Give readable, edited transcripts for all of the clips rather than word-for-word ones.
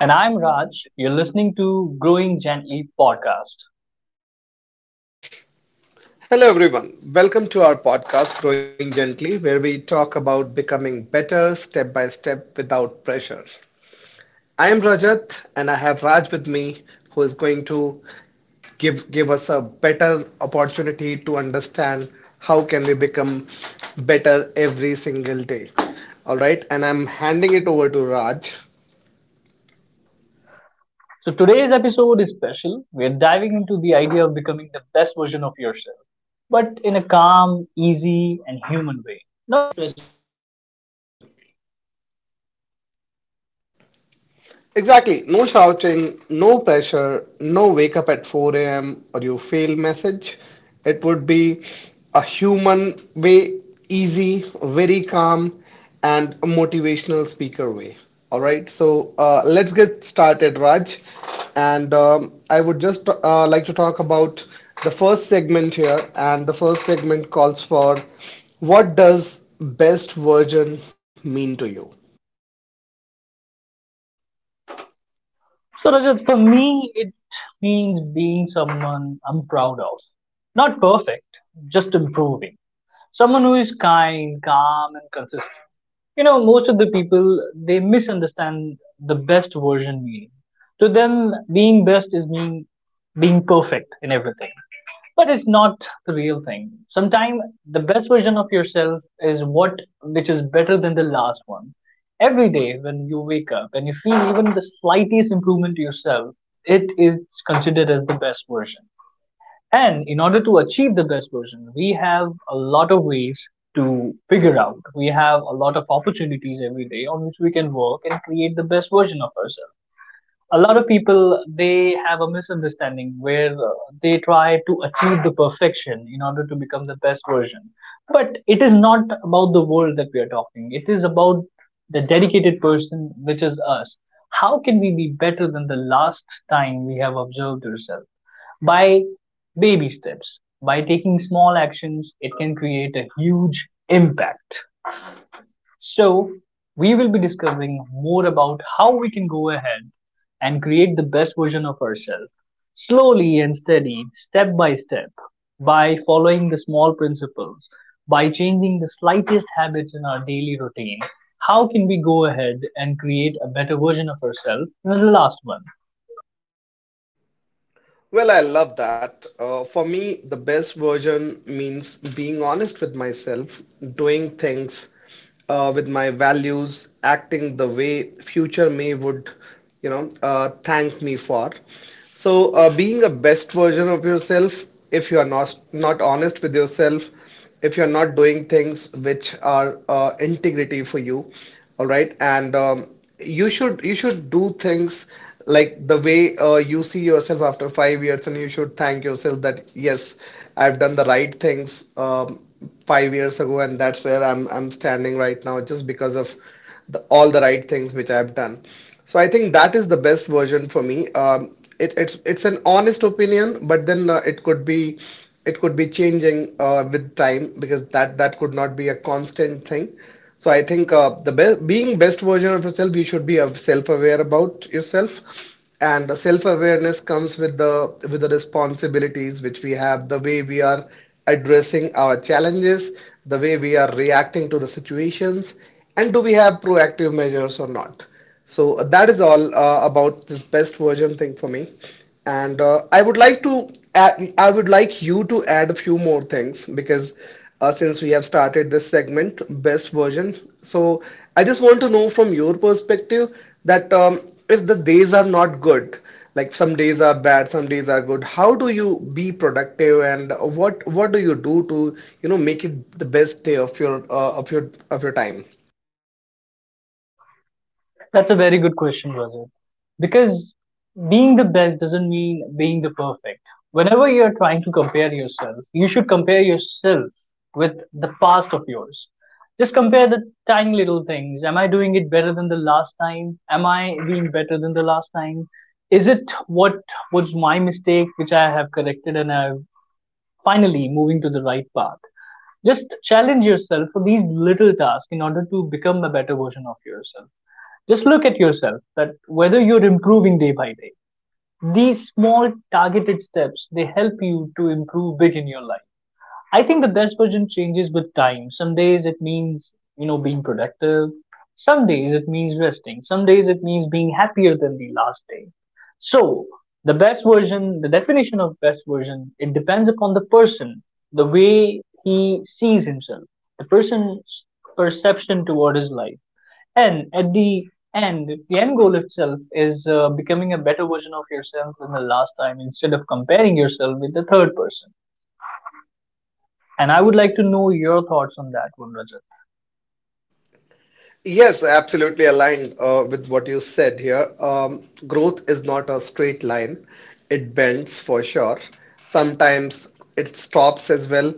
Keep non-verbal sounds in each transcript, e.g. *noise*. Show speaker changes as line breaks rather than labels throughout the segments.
And I'm Raj. You're listening to Growing Gently podcast.
Hello everyone. Welcome to our podcast Growing Gently, where we talk about becoming better step by step without pressure. I am Rajat, and I Raj with me who is going to give us a better opportunity to understand how can we become better every single day. All right, and I'm handing it over to Raj.
So today's episode is special. We're diving into the idea of becoming the best version of yourself, but in a calm, easy, and human
Exactly. No shouting, no pressure, no wake up at 4 a.m. or you fail message. It would be a human way, easy, very calm, and a motivational speaker way. All right. So let's get started, Raj. And I would just like to talk about the first segment here. And the first segment calls for, what does best version mean to you?
means being someone I'm proud of. Not perfect, just improving. Someone who is kind, calm, and consistent. You know, most of the people, they misunderstand the best version meaning. To them, being best is mean being perfect in everything, but it's not the real thing. Sometimes version of yourself is what which is better than the last one. Every day when you wake up and you feel even the slightest improvement to yourself, it is considered as the best version. And in order to achieve the best version, we have a lot of ways to figure out. We have a lot opportunities every day on which we can work and create the best version of ourselves. A lot of people, they have a misunderstanding where they try to achieve the perfection in order to become the best version, but it is not about the world that we are talking, it is about the dedicated person which is us. How can we be better than the last time we have observed ourselves? By baby steps, by taking small actions, it can create a huge impact. So, we will be discovering more about how we can go ahead and create the best version of ourselves slowly and steady, step by step, by following the small principles, by changing the slightest habits in our daily routine. How can we go ahead and create a better version of ourselves in the last one?
Well, I love that. For me, the best version means being honest with myself, doing things with my values, acting the way future me would, thank me for. So, being a best version of yourself, if you are not honest with yourself, if you're not doing things which are integrity for you, all right and you should do things like the way you see yourself after 5 years, and you should thank yourself that yes, I've done the right things 5 years ago, and that's where I'm standing right now just because of all the right things which I've done. So I think that is the best version for me. It's an honest opinion, but then it could be, it could be changing with time, because that could not be a constant thing. So I think the best being best version of yourself, you should be self-aware about yourself, and the self-awareness comes with the responsibilities which we have, the way we are addressing our challenges, the way we are reacting to the situations, and do we have proactive measures or not? So that is all about this best version thing for me. And I would like to add, I would like you to add a few more things, because since we have started this segment, best version. So I just want to know from your perspective that if the days are not good, like some days are bad, some days are good, how do you be productive, and what do you do to, you know, make it the best day of your of your time?
That's a very good question, Rajat. Because being the best doesn't mean being the perfect. Whenever you're trying to compare yourself, you should compare yourself with the past of yours. Just compare the tiny little things. Am I doing it better than the last time? Am I being better than the last time? Is it what was my mistake which I have corrected and I'm finally moving to the right path? Just challenge yourself for these little tasks in order to become a better version of yourself. Just look at yourself that whether you're improving day by day. These small targeted steps, they help you to improve big in your life. I think the best version changes with time. Some days it means, you know, being productive. Some days it means resting. Some days it means being happier than the last day. So, the best version, the definition of best version, it depends upon the person, the way he sees himself, the person's perception toward his life. And at the end goal itself is becoming a better version of yourself than the last time instead of comparing yourself with the third person. And I would like to know your thoughts on that one, Rajat.
Yes, absolutely aligned with what you said here. Growth is not a straight line. It bends for sure. Sometimes it stops as well.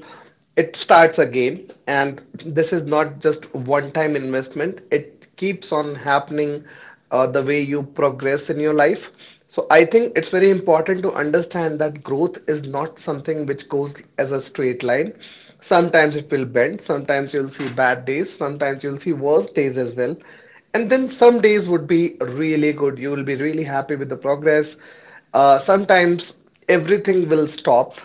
It starts again. And this is not just one-time investment. It keeps on happening the way you progress in your life. So I think it's very important to understand that growth is not something which goes as a straight line. Sometimes it will bend, sometimes you'll see bad days, sometimes you'll see worse days as well. And then some days would be really good. You will be really happy with the progress. Sometimes everything will stop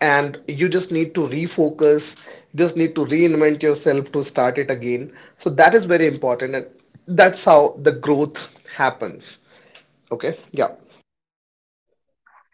and you just need to refocus, you just need to reinvent yourself to start it again. So that is very important, and that's how the growth happens. Okay, yeah.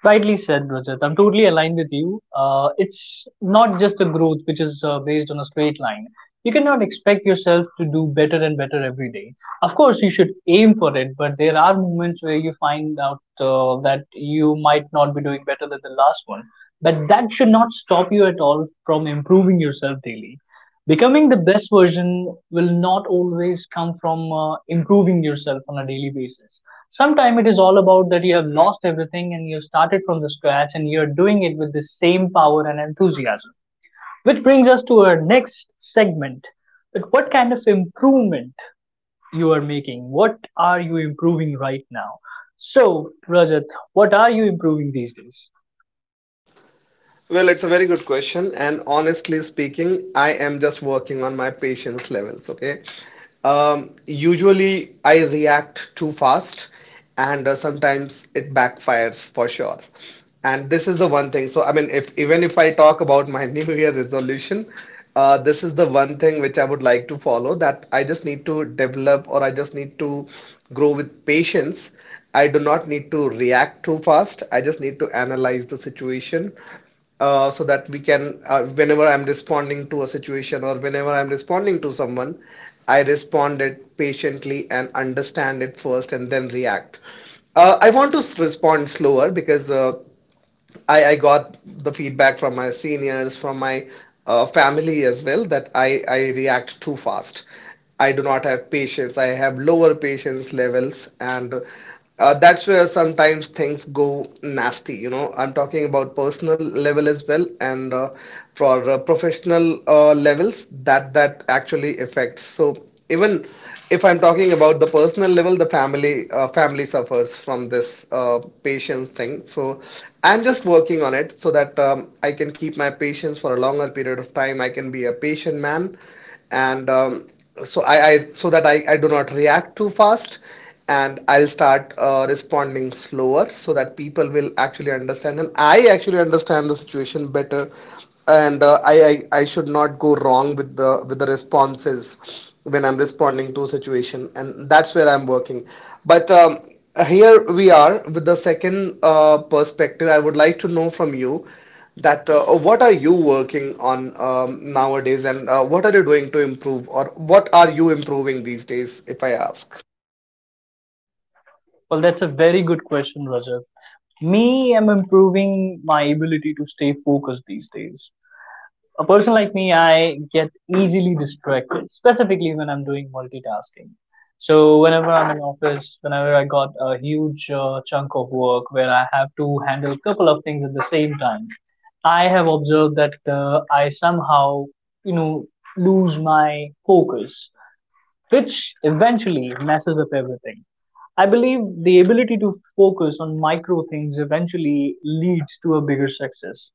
Rightly said, Rajat. I'm totally aligned with you. It's not just a growth which is based on a straight line. You cannot expect yourself to do better and better every day. Of course, you should aim for it, but there are moments where you find out that you might not be doing better than the last one. But that should not stop you at all from improving yourself daily. Becoming the best version will not always come from improving yourself on a daily basis. Sometimes it is all about that you have lost everything and you started from the scratch and you're doing it with the same power and enthusiasm. Which brings us to our next segment. That what kind of improvement you are making? What are you improving right now? So, Rajat, what are you improving these days?
Well, it's a very good question, and honestly speaking, I am just working on my patience levels, okay? Usually I react too fast, and sometimes it backfires for sure. And this is the one thing. So, I mean, if even if I talk about my *laughs* New Year resolution, this is the one thing which I would like to follow, that I just need to develop or I just need to grow with patience. I do not need to react too fast. I just need to analyze the situation so that we can, whenever I'm responding to a situation or whenever I'm responding to someone, I respond it patiently and understand it first and then react. I want to respond slower, because I got the feedback from my seniors, from my family as well, that I react too fast. I do not have patience. I have lower patience levels, and that's where sometimes things go nasty. You know, I'm talking about personal level as well, and for professional levels, that actually affects. So even if I'm talking about the personal level, the family suffers from this patience thing. So I'm just working on it so that I can keep my patience for a longer period of time. I can be a patient man, and so I so that I do not react too fast, and I'll start responding slower so that people will actually understand. And I actually understand the situation better, and I should not go wrong with the responses when I'm responding to a situation, and that's where I'm working. But here we are with the second perspective. I would like to know from you that what are you working on nowadays, and what are you doing to improve, or what are you improving these days, if I ask?
Well, that's a very good question, Rajat. Me, I'm improving my ability to stay focused these days. A person like me, I get easily distracted, specifically when I'm doing multitasking. So whenever I'm in office, whenever I got a huge chunk of work where I have to handle a couple of things at the same time, I have observed that I somehow, you know, lose my focus, which eventually messes up everything. I believe the ability to focus on micro things eventually leads to a bigger success.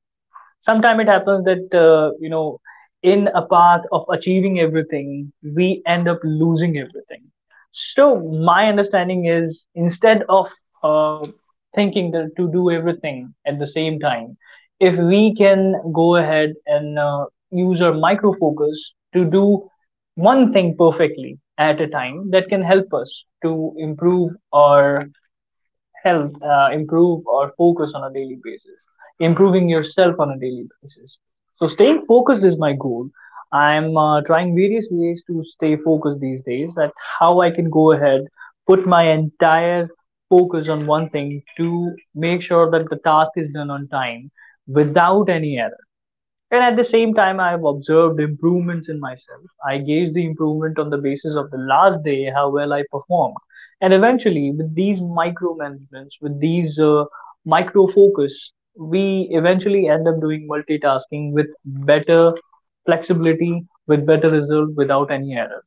Sometimes it happens that you know, in a path of achieving everything, we end up losing everything. So my understanding is instead of uh, thinking that to do everything at the same time, if we can go ahead and use our micro focus to do one thing perfectly at a time, that can help us to improve our health, improve or focus on a daily basis, improving yourself on a daily basis. So, staying focused is my goal. I'm trying various ways to stay focused these days, that how I can go ahead, put my entire focus on one thing to make sure that the task is done on time without any error. And at the same time, I have observed improvements in myself. I gauge the improvement on the basis of the last day, how well I performed. And eventually, with these micromanagements, with these micro focus, we eventually end up doing multitasking with better flexibility, with better result without any error.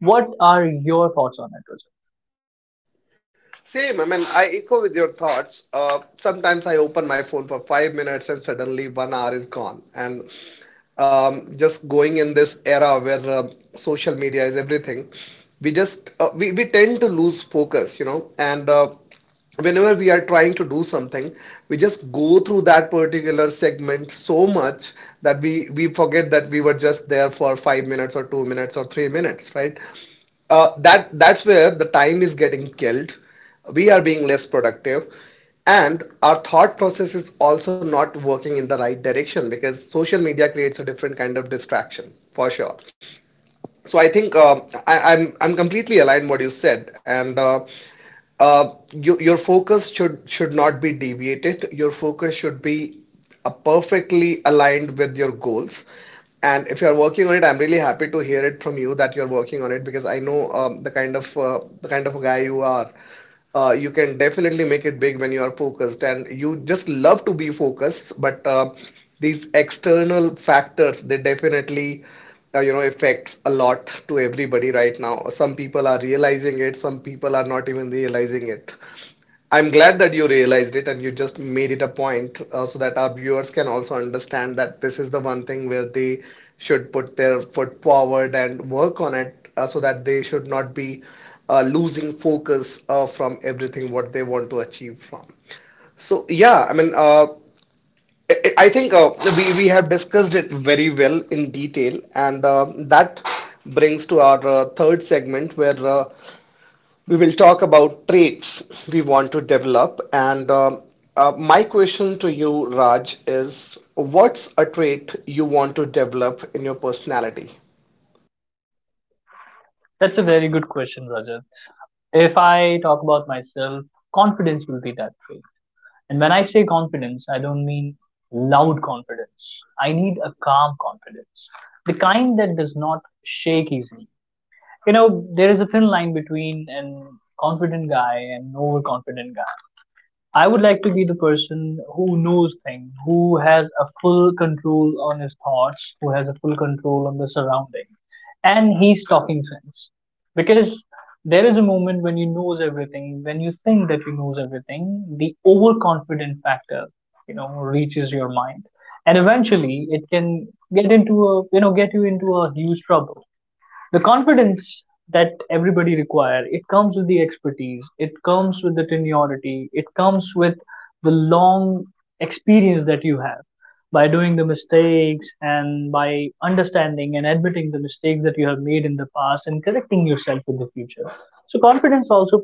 What are your thoughts on it, Rajat?
Same, I mean, I echo with your thoughts. Sometimes I open my phone for 5 minutes and suddenly 1 hour is gone. And Just going in this era where social media is everything, we just we tend to lose focus, you know. And Whenever we are trying to do something, we just go through that particular segment so much that we forget that we were just there for 5 minutes or 2 minutes or 3 minutes, right? That's where the time is getting killed, we are being less productive, and our thought process is also not working in the right direction because social media creates a different kind of distraction for sure. So I think I'm completely aligned what you said, and your focus should not be deviated. Your focus should be perfectly aligned with your goals. And if you're working on it, I'm really happy to hear it from you that you're working on it, because I know the kind of guy you are. You can definitely make it big when you are focused, and you just love to be focused. But these external factors, they definitely affects a lot to everybody right now. Some people are realizing it, some people are not even realizing it. I'm glad that you realized it, and you just made it a point so that our viewers can also understand that this is the one thing where they should put their foot forward and work on it so that they should not be losing focus from everything what they want to achieve from. So yeah, I mean, I think we have discussed it very well in detail, and that brings to our third segment where we will talk about traits we want to develop. And my question to you, Raj, is, what's a trait you want to develop in your personality?
That's a very good question, Rajat. If I talk about myself, confidence will be that trait. And when I say confidence, I don't mean loud confidence. I need a calm confidence, the kind that does not shake easily. You know, there is a thin line between an confident guy and an overconfident guy. I would like to be the person who knows things, who has a full control on his thoughts, who has a full control on the surrounding, and he's talking sense. Because there is a moment when you knows everything, when you think that you knows everything, the overconfident factor, you know, reaches your mind, and eventually it can get into a, you know, get you into a huge trouble. The confidence that everybody require, it comes with the expertise, it comes with the seniority, it comes with the long experience that you have by doing the mistakes and by understanding and admitting the mistakes that you have made in the past and correcting yourself in the future. So confidence also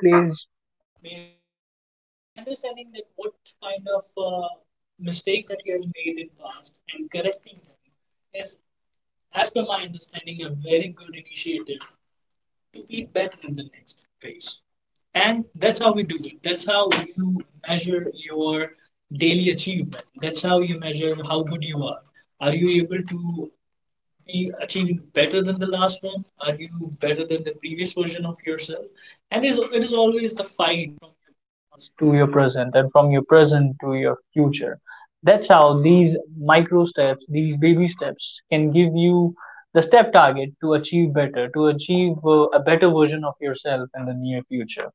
into your future. That's how these micro steps, these baby steps, can give you the step target to achieve better, to achieve a better version of yourself in the near future.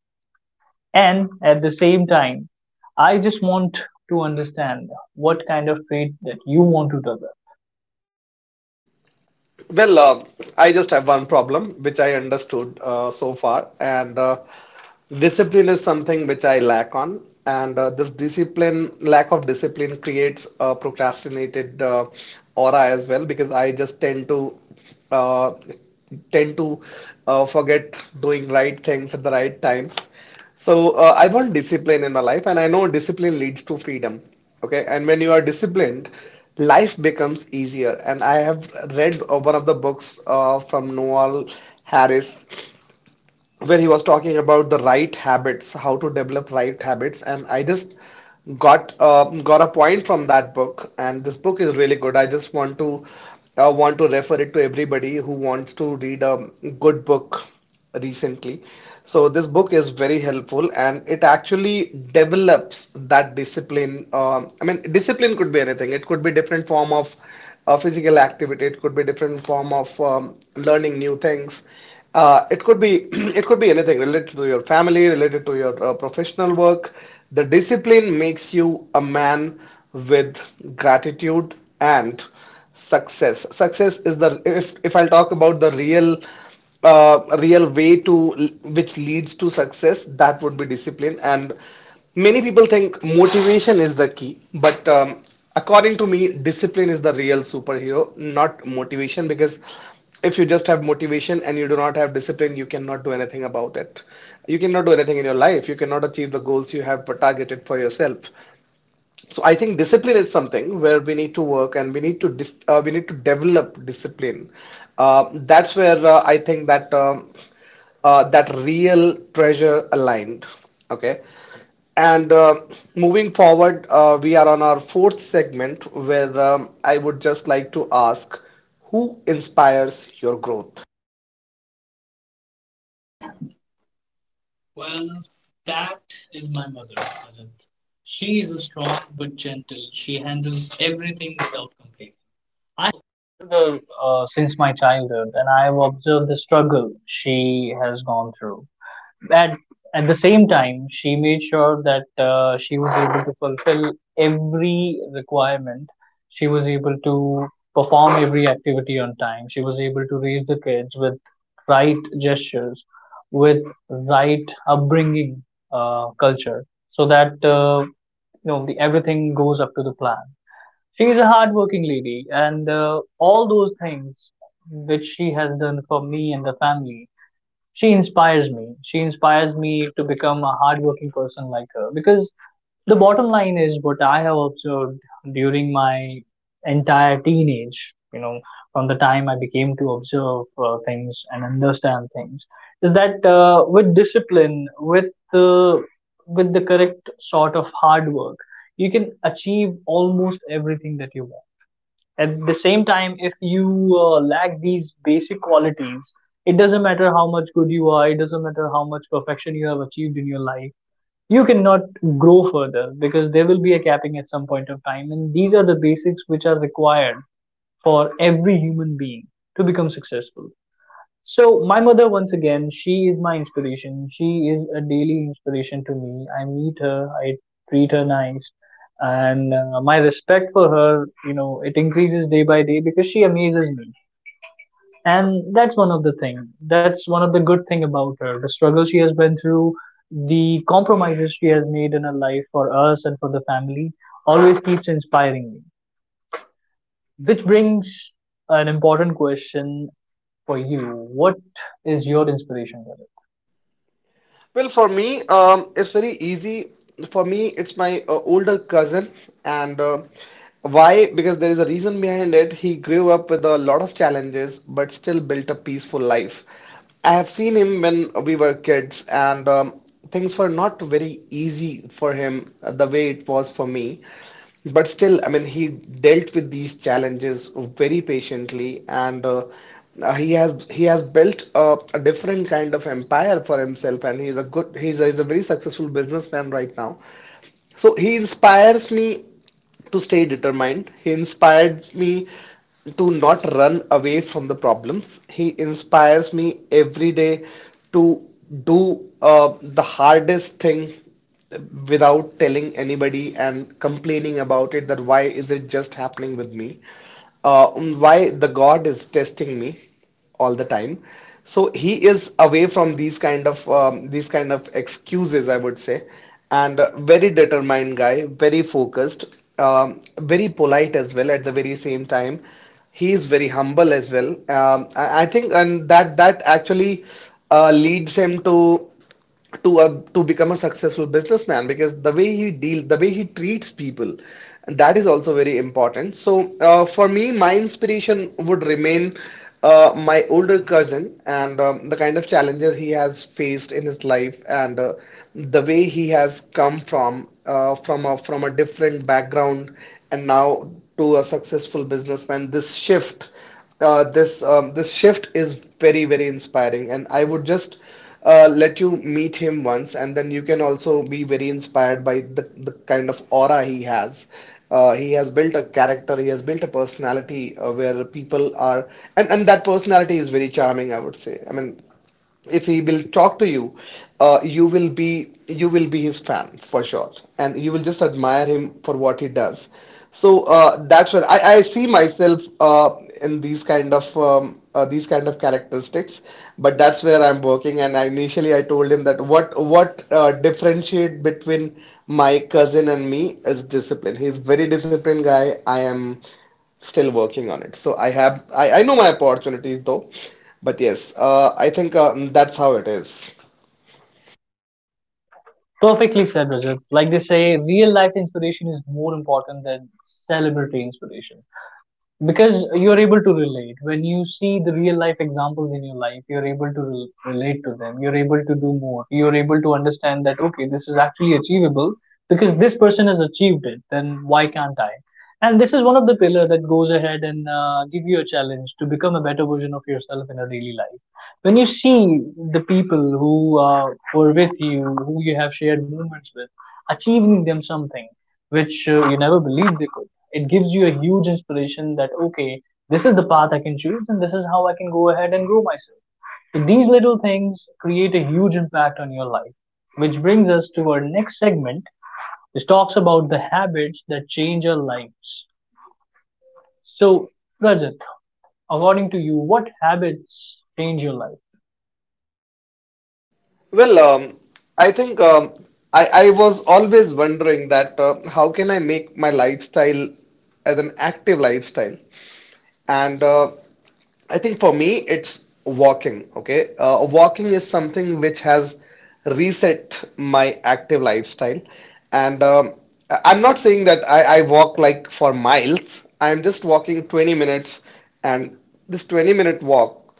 And at the same time, I just want to understand what kind of trait that you want to develop.
Well, I just have one problem which I understood so far, and discipline is something which I lack on, and this discipline, lack of discipline, creates a procrastinated aura as well, because I just uh, tend to forget doing right things at the right time. So I want discipline in my life, and I know discipline leads to freedom. Okay, and when you are disciplined, life becomes easier. And I have read one of the books from Noel Harris, where he was talking about the right habits, how to develop right habits, and I just got a point from that book, and this book is really good. I just want to refer it to everybody who wants to read a good book recently. So this book is very helpful, and it actually develops that discipline. I mean, discipline could be anything. It could be different form of physical activity. It could be different form of learning new things, it could be *clears throat* it could be anything related to your family, related to your professional work. The discipline makes you a man with gratitude and success. Success is the if I'll talk about the real real way to which leads to success, that would be discipline. And many people think motivation is the key, but according to me, discipline is the real superhero, not motivation. Because if you just have motivation and you do not have discipline, you cannot do anything about it. You cannot do anything in your life. You cannot achieve the goals you have targeted for yourself. So I think discipline is something where we need to work, and we need to dis we need to develop discipline. That's where I think that that real treasure aligned. Okay. And moving forward, we are on our fourth segment where I would just like to ask, who inspires your growth?
I've observed the struggle she has gone through. At at the same time, she made sure that she was able to fulfill every requirement. She was able to perform every activity on time. She was able to raise the kids with right gestures, with right upbringing culture, so that you know the, everything goes up to the plan. She's a hardworking lady, and all those things which she has done for me and the family, she inspires me. She inspires me to become a hardworking person like her. Because the bottom line is what I have observed during my entire teenage, you know, from the time I became to observe things and understand things, is that with discipline, the with the correct sort of hard work, you can achieve almost everything that you want. At the same time, if you lack these basic qualities, it doesn't matter how much good you are. It doesn't matter how much perfection you have achieved in your life, you cannot grow further, because there will be a capping at some point of time, and these are the basics which are required for every human being to become successful. So my mother, once again, she is my inspiration. She is a daily inspiration to me. I meet her, I treat her nice, and my respect for her, you know, it increases day by day because she amazes me. And that's one of the thing, that's one of the good thing about her, the struggle she has been through, the compromises she has made in her life for us and for the family, always keeps inspiring me. Which brings an important question for you. What is your inspiration, Rajat?
Well, for me, it's very easy. For me, it's my older cousin, and why? Because there is a reason behind it. He grew up with a lot of challenges, but still built a peaceful life. I have seen him when we were kids, and things were not very easy for him, the way it was for me. But still, I mean, he dealt with these challenges very patiently, and he has built a different kind of empire for himself. And he's a good he's he's a very successful businessman right now. So he inspires me to stay determined. He inspired me to not run away from the problems. He inspires me every day to do the hardest thing without telling anybody and complaining about it that why is it just happening with me? Why the God is testing me? All the time. So he is away from these kind of excuses, I would say, and a very determined guy, very focused, very polite as well. At the very same time, he is very humble as well. I think, and that actually leads him to to become a successful businessman because the way he treats people, that is also very important. So for me, my inspiration would remain my older cousin, and the kind of challenges he has faced in his life, and the way he has come from a different background, and now to a successful businessman. This shift, this shift is very, very inspiring, and I would just let you meet him once, and then you can also be very inspired by the kind of aura he has. He has built a character, he has built a personality where people are, and that personality is very charming, I would say. I mean, if he will talk to you, you will be his fan for sure, and you will just admire him for what he does. So that's where I see myself in these kind of characteristics. But that's where I'm working, and initially I told him that what differentiate between my cousin and me is discipline. He's very disciplined guy. I am still working on it. So I have I know my opportunities though, but yes, I think that's how it is.
Perfectly said, Rajat. Like they say, real life inspiration is more important than celebrity inspiration, because you're able to relate. When you see the real life examples in your life, you're able to relate to them, you're able to do more, you're able to understand that okay, this is actually achievable because this person has achieved it, then why can't I? And this is one of the pillar that goes ahead and give you a challenge to become a better version of yourself in a daily life, when you see the people who uh, were with you, who you have shared moments with, achieving them something which you never believed they could. It gives you a huge inspiration that okay, this is the path I can choose and this is how I can go ahead and grow myself. So these little things create a huge impact on your life, which brings us to our next segment, which talks about the habits that change our lives. So, Rajat, according to you, what habits change your life?
Well, I think, I was always wondering that, how can I make my lifestyle as an active lifestyle? And I think for me, it's walking. Okay, walking is something which has reset my active lifestyle, and I'm not saying that I walk like for miles. I'm just walking 20 minutes, and this 20-minute walk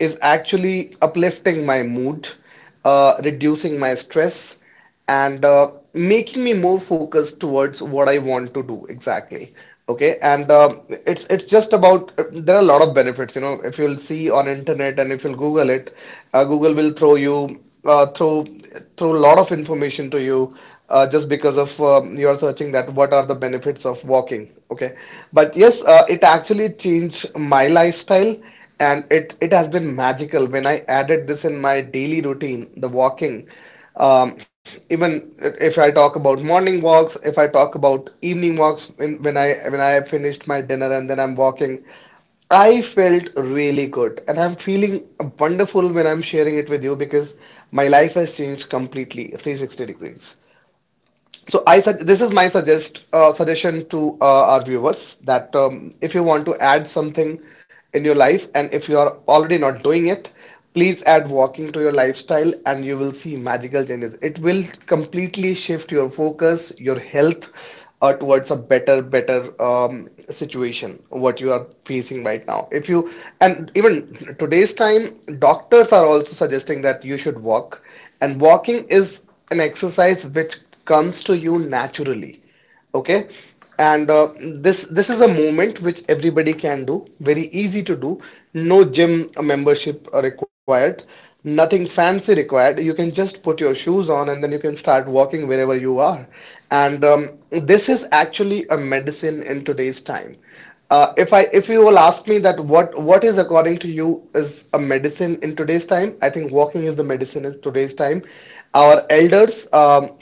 is actually uplifting my mood, reducing my stress, and making me more focused towards what I want to do exactly. Okay, and it's just about, there are a lot of benefits. You know, if you'll see on internet and if you'll Google it, Google will throw you throw throw a lot of information to you, just because of you're searching that what are the benefits of walking. Okay, but yes, it actually changed my lifestyle, and it has been magical when I added this in my daily routine, the walking. Um, even if I talk about morning walks, if I talk about evening walks, when I have finished my dinner and then I'm walking, I felt really good, and I'm feeling wonderful when I'm sharing it with you, because my life has changed completely 360 degrees. So I said this is my suggestion to our viewers that, if you want to add something in your life and if you are already not doing it, please add walking to your lifestyle and you will see magical changes. It will completely shift your focus, your health, towards a better, better situation what you are facing right now. If you, and even today's time, doctors are also suggesting that you should walk, and walking is an exercise which comes to you naturally. Okay, and this is a movement which everybody can do, very easy to do. No gym membership required, nothing fancy required. You can just put your shoes on and then you can start walking wherever you are, and this is actually a medicine in today's time. Uh, if you will ask me that what is according to you is a medicine in today's time, I think walking is the medicine in today's time. Our elders,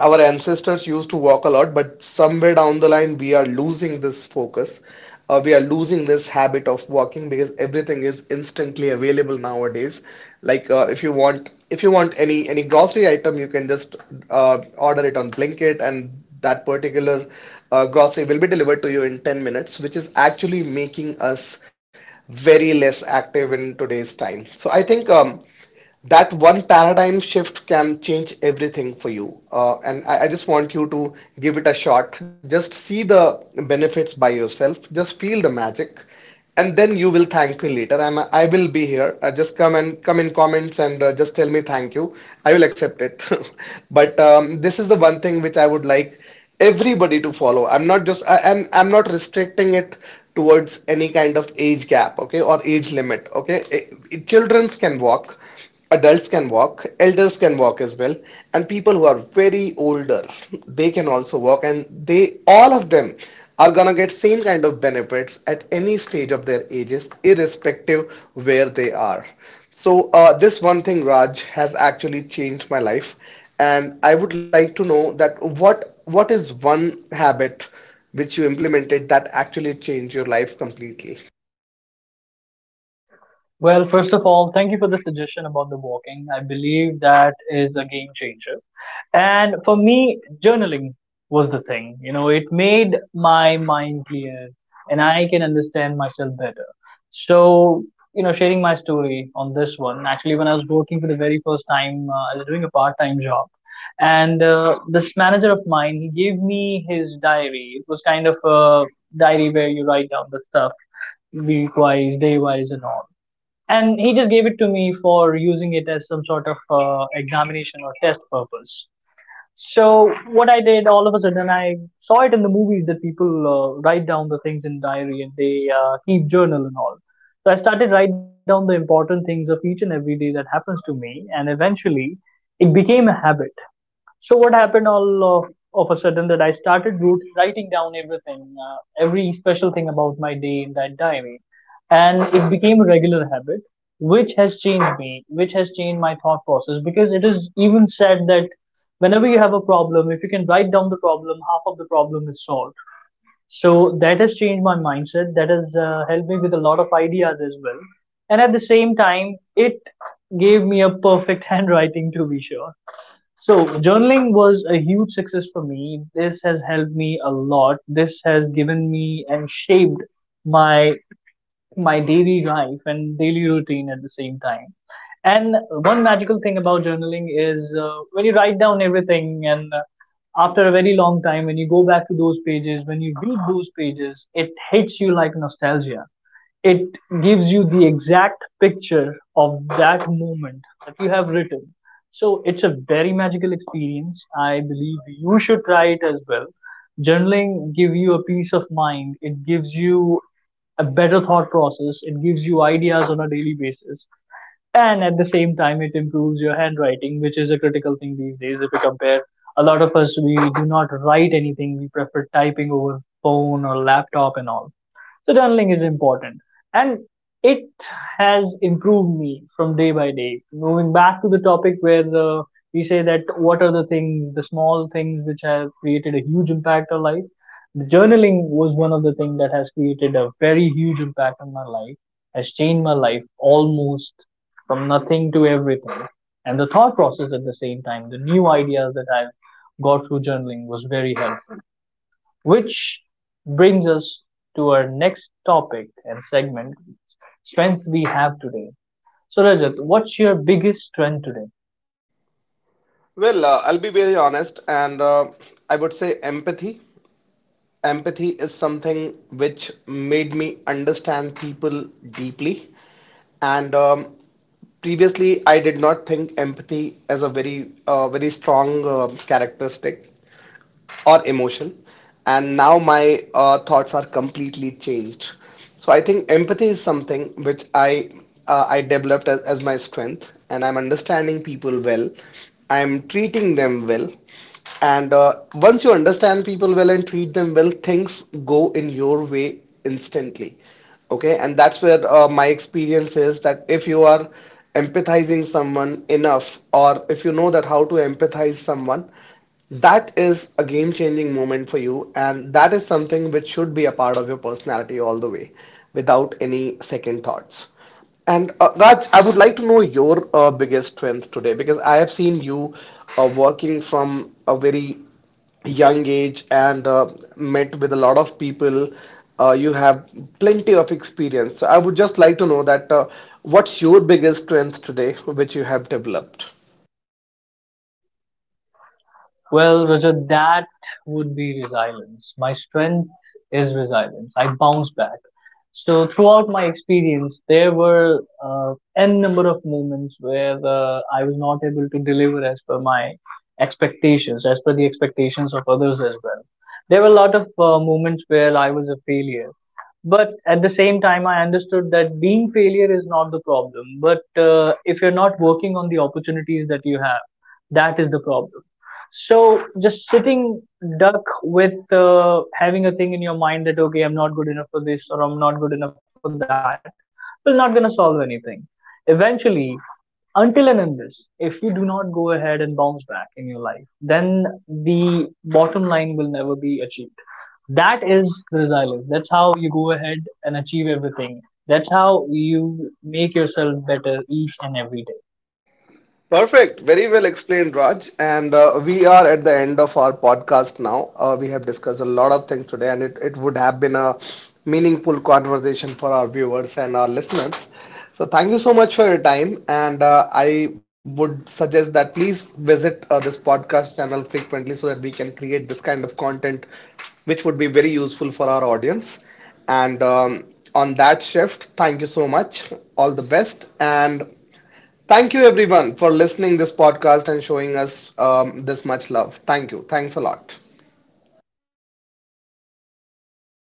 our ancestors used to walk a lot, but somewhere down the line we are losing this focus, we are losing this habit of walking because everything is instantly available nowadays. Like, if you want any grocery item, you can just order it on Blinkit, and that particular grocery will be delivered to you in 10 minutes, which is actually making us very less active in today's time. So I think, that one paradigm shift can change everything for you. And I just want you to give it a shot. Just see the benefits by yourself. Just feel the magic, and then you will thank me later. I will be here. Just come and come in comments and just tell me thank you. I will accept it. *laughs* But this is the one thing which I would like everybody to follow. I'm not just I, and I'm not restricting it towards any kind of age gap, okay, or age limit, okay. Childrens can walk, adults can walk, elders can walk as well, and people who are very older, they can also walk, and they all of them are gonna get same kind of benefits at any stage of their ages, irrespective where they are. So this one thing, Raj, has actually changed my life, and I would like to know that what is one habit which you implemented that actually changed your life completely.
Well, first of all, thank you for the suggestion about the walking. I believe that is a game changer. And for me, journaling was the thing. You know, it made my mind clear and I can understand myself better. So, you know, sharing my story on this one, actually, when I was working for the very first time, I was doing a part time job. And this manager of mine, he gave me his diary. It was kind of a diary where you write down the stuff, week wise, day wise, and all. And he just gave it to me for using it as some sort of examination or test purpose. So what I did all of a sudden, I saw it in the movies that people write down the things in diary and they keep journal and all. So I started write down the important things of each and every day that happens to me, and eventually, it became a habit. So what happened all of a sudden that I started writing down everything, every special thing about my day in that diary, and it became a regular habit, which has changed me, which has changed my thought process, because it is even said that whenever you have a problem, if you can write down the problem, half of the problem is solved. So that has changed my mindset, that has helped me with a lot of ideas as well. And at the same time, it gave me a perfect *laughs* handwriting to be sure. So, journaling was a huge success for me. This has helped me a lot. This has given me and shaped my my daily life and daily routine at the same time. And one magical thing about journaling is when you write down everything, and after a very long time, when you go back to those pages, when you read those pages, it hits you like nostalgia. It gives you the exact picture of that moment that you have written. So it's a very magical experience. I believe you should try it as well. Journaling give you a peace of mind. It gives you a better thought process. It gives you ideas on a daily basis. And at the same time, it improves your handwriting, which is a critical thing these days. If you compare, a lot of us, we do not write anything. We prefer typing over phone or laptop and all. So journaling is important. And it has improved me from day by day. Moving back to the topic where the, we say that what are the things, the small things which have created a huge impact on life. The journaling was one of the things that has created a very huge impact on my life, has changed my life almost from nothing to everything. And the thought process at the same time, the new ideas that I've got through journaling was very helpful. Which brings us to our next topic and segment, strengths we have today. So, Rajat, what's your biggest strength today?
Well, I'll be very honest, and I would say empathy. Empathy is something which made me understand people deeply. And previously, I did not think empathy as a very, very strong characteristic or emotion, and now my thoughts are completely changed. So I think empathy is something which I developed as my strength, and I'm understanding people well, I'm treating them well. And once you understand people well and treat them well, things go in your way instantly. Okay, and that's where my experience is that if you are empathizing someone enough, or if you know that how to empathize someone, that is a game-changing moment for you, and that is something which should be a part of your personality all the way, without any second thoughts. And Raj, I would like to know your biggest strength today, because I have seen you working from a very young age, and met with a lot of people. You have plenty of experience. So I would just like to know that what's your biggest strength today, which you have developed?
Well, Roger, that would be resilience. My strength is resilience. I bounce back. So throughout my experience, there were n number of moments where I was not able to deliver as per my expectations, as per the expectations of others as well. There were a lot of moments where I was a failure, but at the same time, I understood that being failure is not the problem. But if you're not working on the opportunities that you have, that is the problem. So just sitting duck with having a thing in your mind that okay, I'm not good enough for this or I'm not good enough for that will not gonna solve anything. Eventually, until and unless if you do not go ahead and bounce back in your life, then the bottom line will never be achieved. That is the resilience. That's how you go ahead and achieve everything. That's how you make yourself better each and every day.
Perfect. Very well explained, Raj. And we are at the end of our podcast now. We have discussed a lot of things today, and it would have been a meaningful conversation for our viewers and our listeners. So, thank you so much for your time. And I would suggest that please visit this podcast channel frequently so that we can create this kind of content, which would be very useful for our audience. And on that shift, thank you so much. All the best. And thank you everyone for listening this podcast and showing us this much love. Thank you. Thanks a lot.